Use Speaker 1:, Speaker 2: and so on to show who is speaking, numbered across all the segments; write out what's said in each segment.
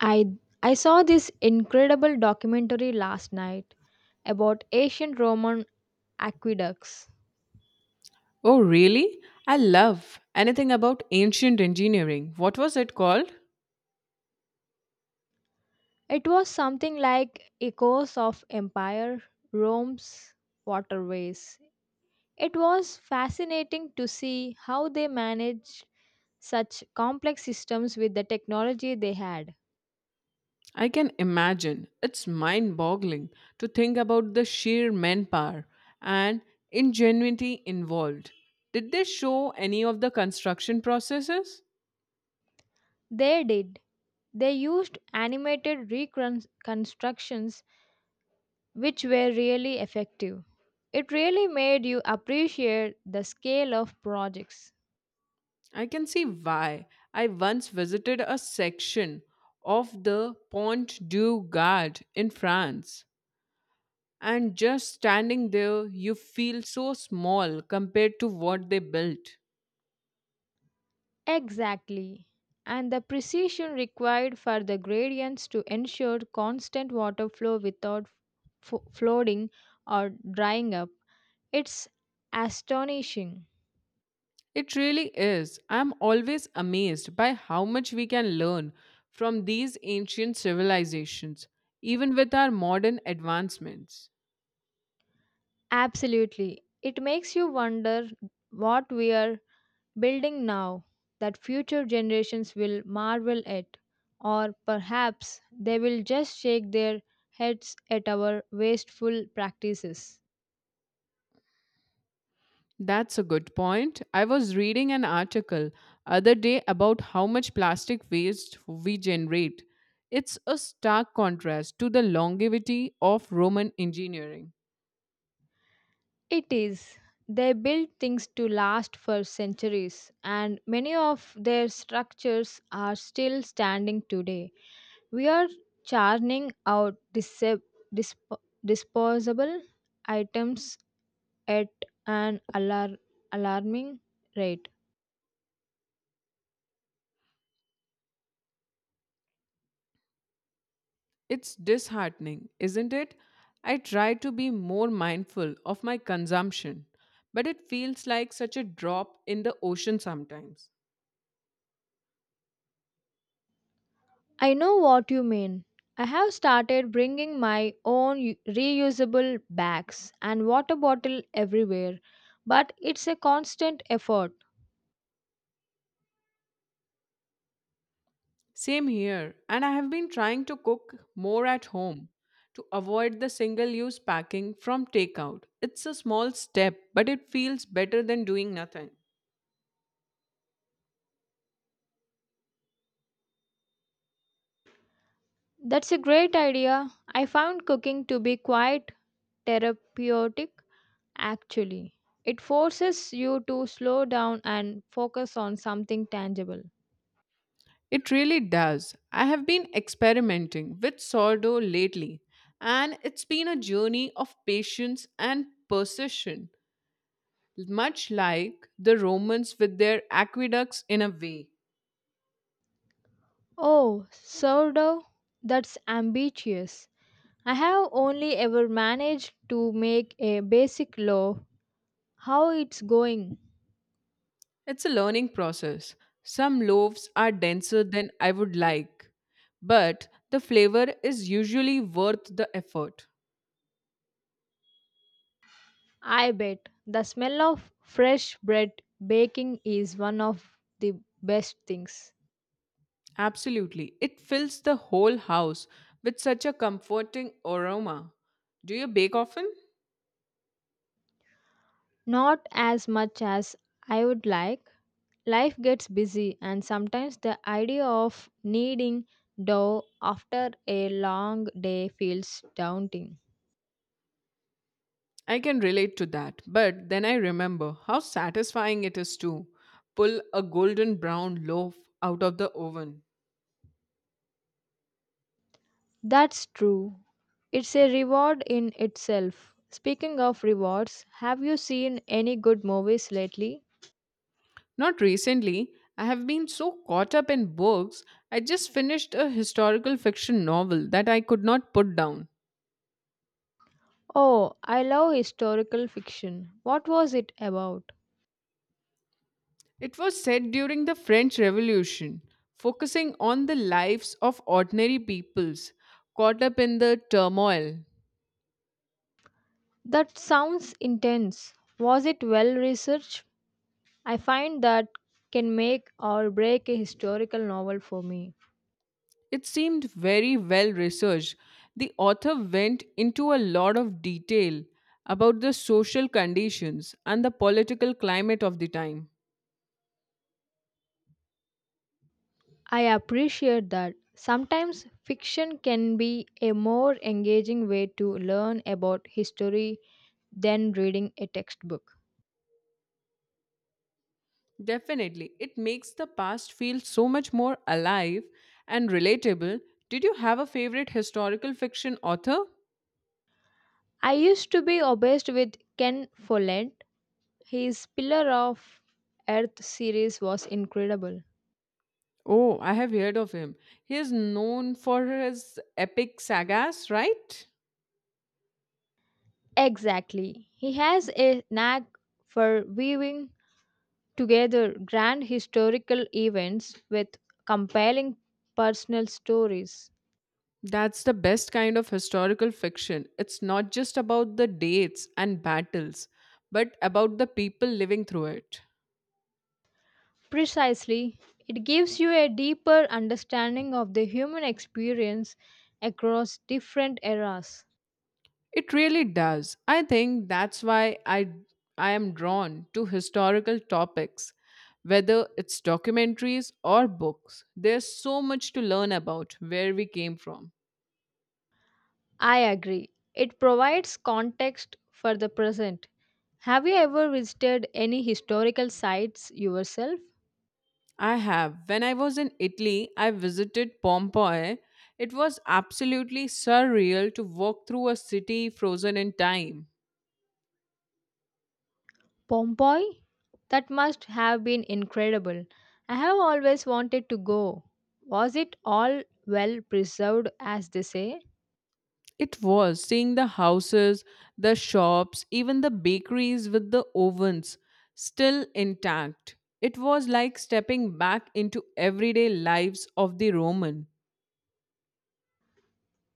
Speaker 1: I I saw this incredible documentary last night about ancient Roman aqueducts.
Speaker 2: Oh, really? I love anything about ancient engineering. What was it called?
Speaker 1: It was something like Echoes of Empire, Rome's Waterways. It was fascinating to see how they managed such complex systems with the technology they had.
Speaker 2: I can imagine. It's mind boggling to think about the sheer manpower and ingenuity involved. Did they show any of the construction processes?
Speaker 1: They did. They used animated reconstructions which were really effective. It really made you appreciate the scale of projects.
Speaker 2: I can see why. I once visited a section of the Pont du Gard in France. And just standing there, you feel so small compared to what they built.
Speaker 1: Exactly. And the precision required for the gradients to ensure constant water flow without flooding or drying up. It's astonishing.
Speaker 2: It really is. I'm always amazed by how much we can learn from these ancient civilizations, even with our modern advancements.
Speaker 1: Absolutely. It makes you wonder what we are building now that future generations will marvel at, or perhaps they will just shake their heads at our wasteful practices.
Speaker 2: That's a good point. I was reading an article other day about how much plastic waste we generate. It's a stark contrast to the longevity of Roman engineering.
Speaker 1: It is. They build things to last for centuries, and many of their structures are still standing today. We are churning out disp- disposable items at an alarming rate.
Speaker 2: It's disheartening, isn't it? I try to be more mindful of my consumption, but it feels like such a drop in the ocean sometimes.
Speaker 1: I know what you mean. I have started bringing my own reusable bags and water bottle everywhere, but it's a constant effort.
Speaker 2: Same here, and I have been trying to cook more at home to avoid the single use packing from takeout. It's a small step, but it feels better than doing nothing.
Speaker 1: That's a great idea. I found cooking to be quite therapeutic actually. It forces you to slow down and focus on something tangible.
Speaker 2: It really does. I have been experimenting with sourdough lately, and it's been a journey of patience and precision. Much like the Romans with their aqueducts in a way.
Speaker 1: Oh, sourdough? That's ambitious. I have only ever managed to make a basic loaf. How it's going?
Speaker 2: It's a learning process. Some loaves are denser than I would like, but the flavor is usually worth the effort.
Speaker 1: I bet. The smell of fresh bread baking is one of the best things.
Speaker 2: Absolutely. It fills the whole house with such a comforting aroma. Do you bake often?
Speaker 1: Not as much as I would like. Life gets busy, and sometimes the idea of kneading dough after a long day feels daunting.
Speaker 2: I can relate to that, but then I remember how satisfying it is to pull a golden brown loaf out of the oven.
Speaker 1: That's true. It's a reward in itself. Speaking of rewards, have you seen any good movies lately?
Speaker 2: Not recently. I have been so caught up in books. I just finished a historical fiction novel that I could not put down.
Speaker 1: Oh, I love historical fiction. What was it about?
Speaker 2: It was set during the French Revolution, focusing on the lives of ordinary peoples caught up in the turmoil.
Speaker 1: That sounds intense. Was it well researched? I find that can make or break a historical novel for me.
Speaker 2: It seemed very well researched. The author went into a lot of detail about the social conditions and the political climate of the time.
Speaker 1: I appreciate that. Sometimes fiction can be a more engaging way to learn about history than reading a textbook.
Speaker 2: Definitely. It makes the past feel so much more alive and relatable. Did you have a favorite historical fiction author?
Speaker 1: I used to be obsessed with Ken Follett. His Pillar of Earth series was incredible.
Speaker 2: Oh, I have heard of him. He is known for his epic sagas, right?
Speaker 1: Exactly. He has a knack for weaving together grand historical events with compelling personal stories.
Speaker 2: That's the best kind of historical fiction. It's not just about the dates and battles, but about the people living through it.
Speaker 1: Precisely, it gives you a deeper understanding of the human experience across different eras.
Speaker 2: It really does. I think that's why I am drawn to historical topics, whether it's documentaries or books. There's so much to learn about where we came from.
Speaker 1: I agree. It provides context for the present. Have you ever visited any historical sites yourself?
Speaker 2: I have. When I was in Italy, I visited Pompeii. It was absolutely surreal to walk through a city frozen in time.
Speaker 1: Pompeii. That must have been incredible. I have always wanted to go. Was it all well preserved, as they say?
Speaker 2: It was seeing the houses, the shops, even the bakeries with the ovens still intact. It was like stepping back into everyday lives of the Roman.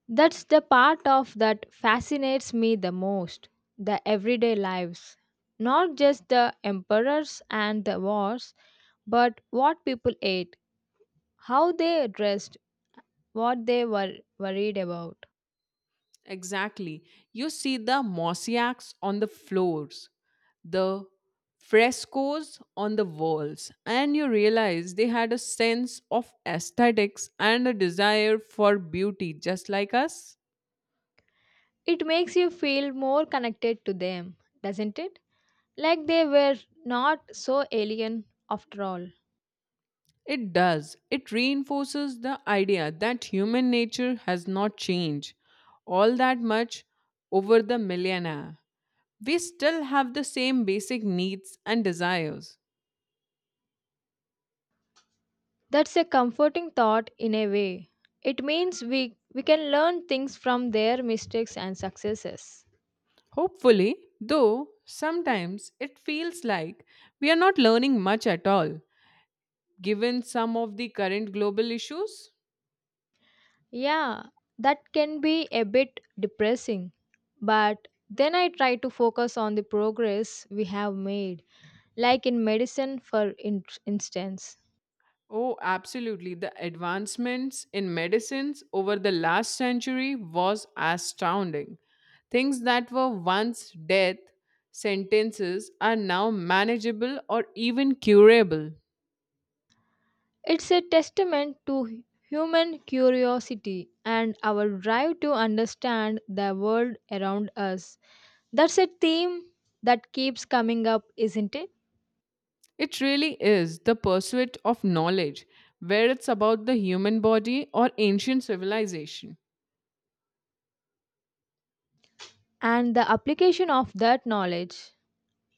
Speaker 1: That's the part of that fascinates me the most, the everyday lives. Not just the emperors and the wars, but what people ate, how they dressed, what they were worried about.
Speaker 2: Exactly. You see the mosaics on the floors, the frescoes on the walls, and you realize they had a sense of aesthetics and a desire for beauty just like us.
Speaker 1: It makes you feel more connected to them, doesn't it? Like they were not so alien after all.
Speaker 2: It does. It reinforces the idea that human nature has not changed all that much over the millennia. We still have the same basic needs and desires.
Speaker 1: That's a comforting thought in a way. It means we can learn things from their mistakes and successes.
Speaker 2: Hopefully, though, sometimes it feels like we are not learning much at all, given some of the current global issues.
Speaker 1: Yeah, that can be a bit depressing. But then I try to focus on the progress we have made, like in medicine, for instance.
Speaker 2: Oh, absolutely. The advancements in medicines over the last century was astounding. Things that were once death sentences are now manageable or even curable.
Speaker 1: It's a testament to human curiosity and our drive to understand the world around us. That's a theme that keeps coming up, isn't it?
Speaker 2: It really is the pursuit of knowledge, whether it's about the human body or ancient civilization.
Speaker 1: And the application of that knowledge,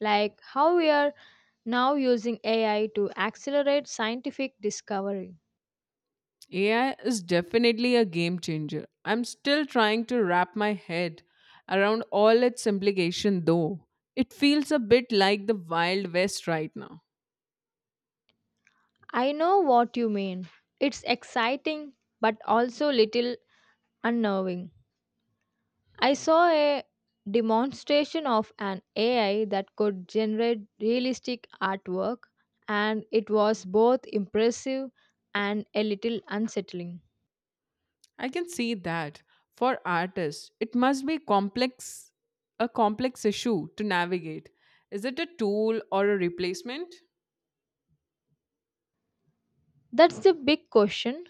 Speaker 1: like how we are now using AI to accelerate scientific discovery.
Speaker 2: AI is definitely a game changer. I'm still trying to wrap my head around all its implication though. It feels a bit like the wild west right now.
Speaker 1: I know what you mean. It's exciting but also little unnerving. I saw a demonstration of an AI that could generate realistic artwork, and it was both impressive and a little unsettling.
Speaker 2: I can see that for artists it must be complex a complex issue to navigate. Is it a tool or a replacement?
Speaker 1: That's the big question.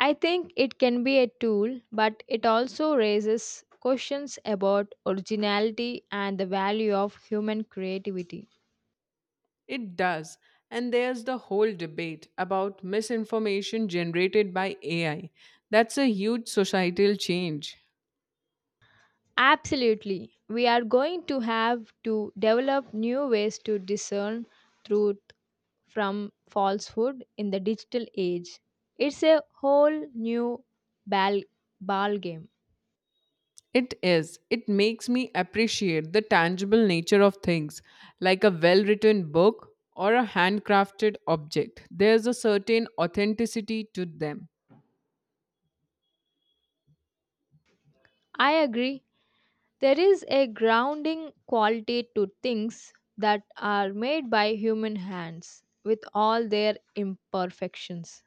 Speaker 1: I think it can be a tool, but it also raises questions about originality and the value of human creativity.
Speaker 2: It does. And there's the whole debate about misinformation generated by AI. That's a huge societal change.
Speaker 1: Absolutely. We are going to have to develop new ways to discern truth from falsehood in the digital age. It's a whole new ball, ball game.
Speaker 2: It is. It makes me appreciate the tangible nature of things, like a well written book or a handcrafted object. There's a certain authenticity to them.
Speaker 1: I agree. There is a grounding quality to things that are made by human hands, with all their imperfections.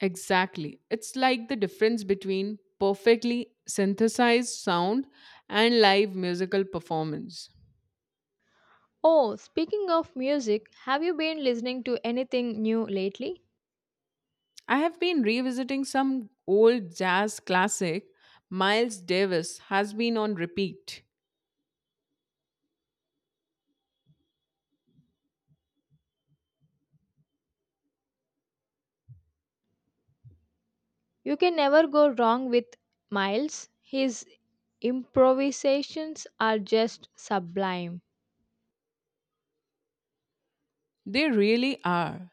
Speaker 2: Exactly. It's like the difference between perfectly synthesized sound and live musical performance.
Speaker 1: Oh, speaking of music, have you been listening to anything new lately?
Speaker 2: I have been revisiting some old jazz classic. Miles Davis has been on repeat.
Speaker 1: You can never go wrong with Miles. His improvisations are just sublime.
Speaker 2: They really are.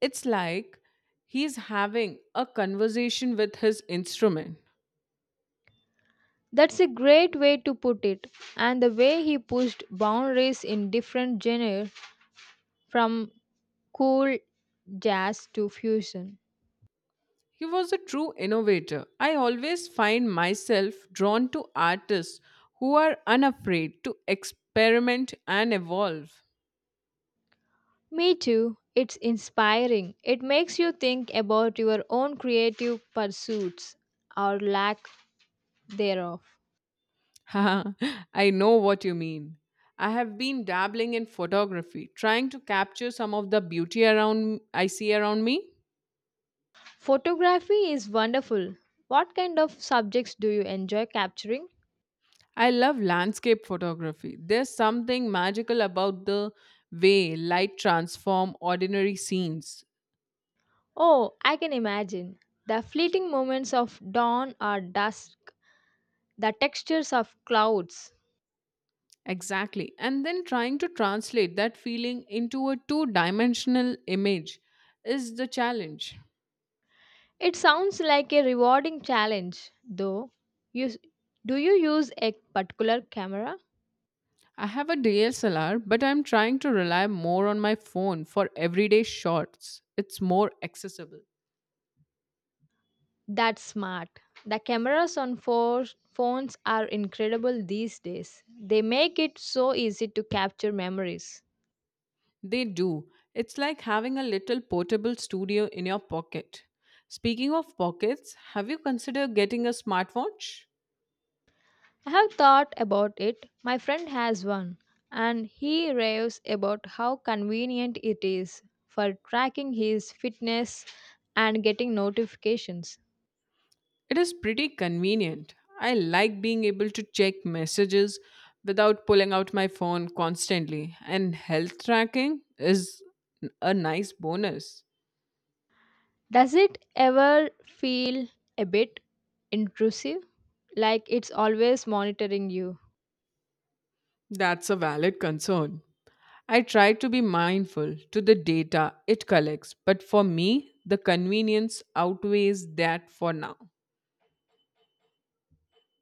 Speaker 2: It's like he's having a conversation with his instrument.
Speaker 1: That's a great way to put it. And the way he pushed boundaries in different genres, from cool jazz to fusion.
Speaker 2: He was a true innovator. I always find myself drawn to artists who are unafraid to experiment and evolve.
Speaker 1: Me too. It's inspiring. It makes you think about your own creative pursuits or lack thereof.
Speaker 2: Haha, I know what you mean. I have been dabbling in photography, trying to capture some of the beauty around I see around me.
Speaker 1: Photography is wonderful. What kind of subjects do you enjoy capturing?
Speaker 2: I love landscape photography. There's something magical about the way light transform ordinary scenes.
Speaker 1: Oh, I can imagine. The fleeting moments of dawn or dusk, the textures of clouds.
Speaker 2: Exactly. And then trying to translate that feeling into a two-dimensional image is the challenge.
Speaker 1: It sounds like a rewarding challenge, though. You, do you use a particular camera?
Speaker 2: I have a DSLR, but I'm trying to rely more on my phone for everyday shots. It's more accessible.
Speaker 1: That's smart. The cameras on phones are incredible these days. They make it so easy to capture memories.
Speaker 2: They do. It's like having a little portable studio in your pocket. Speaking of pockets, have you considered getting a smartwatch?
Speaker 1: I have thought about it. My friend has one, and he raves about how convenient it is for tracking his fitness and getting notifications.
Speaker 2: It is pretty convenient. I like being able to check messages without pulling out my phone constantly, and health tracking is a nice bonus.
Speaker 1: Does it ever feel a bit intrusive? Like it's always monitoring you?
Speaker 2: That's a valid concern. I try to be mindful to the data it collects, but for me, the convenience outweighs that for now.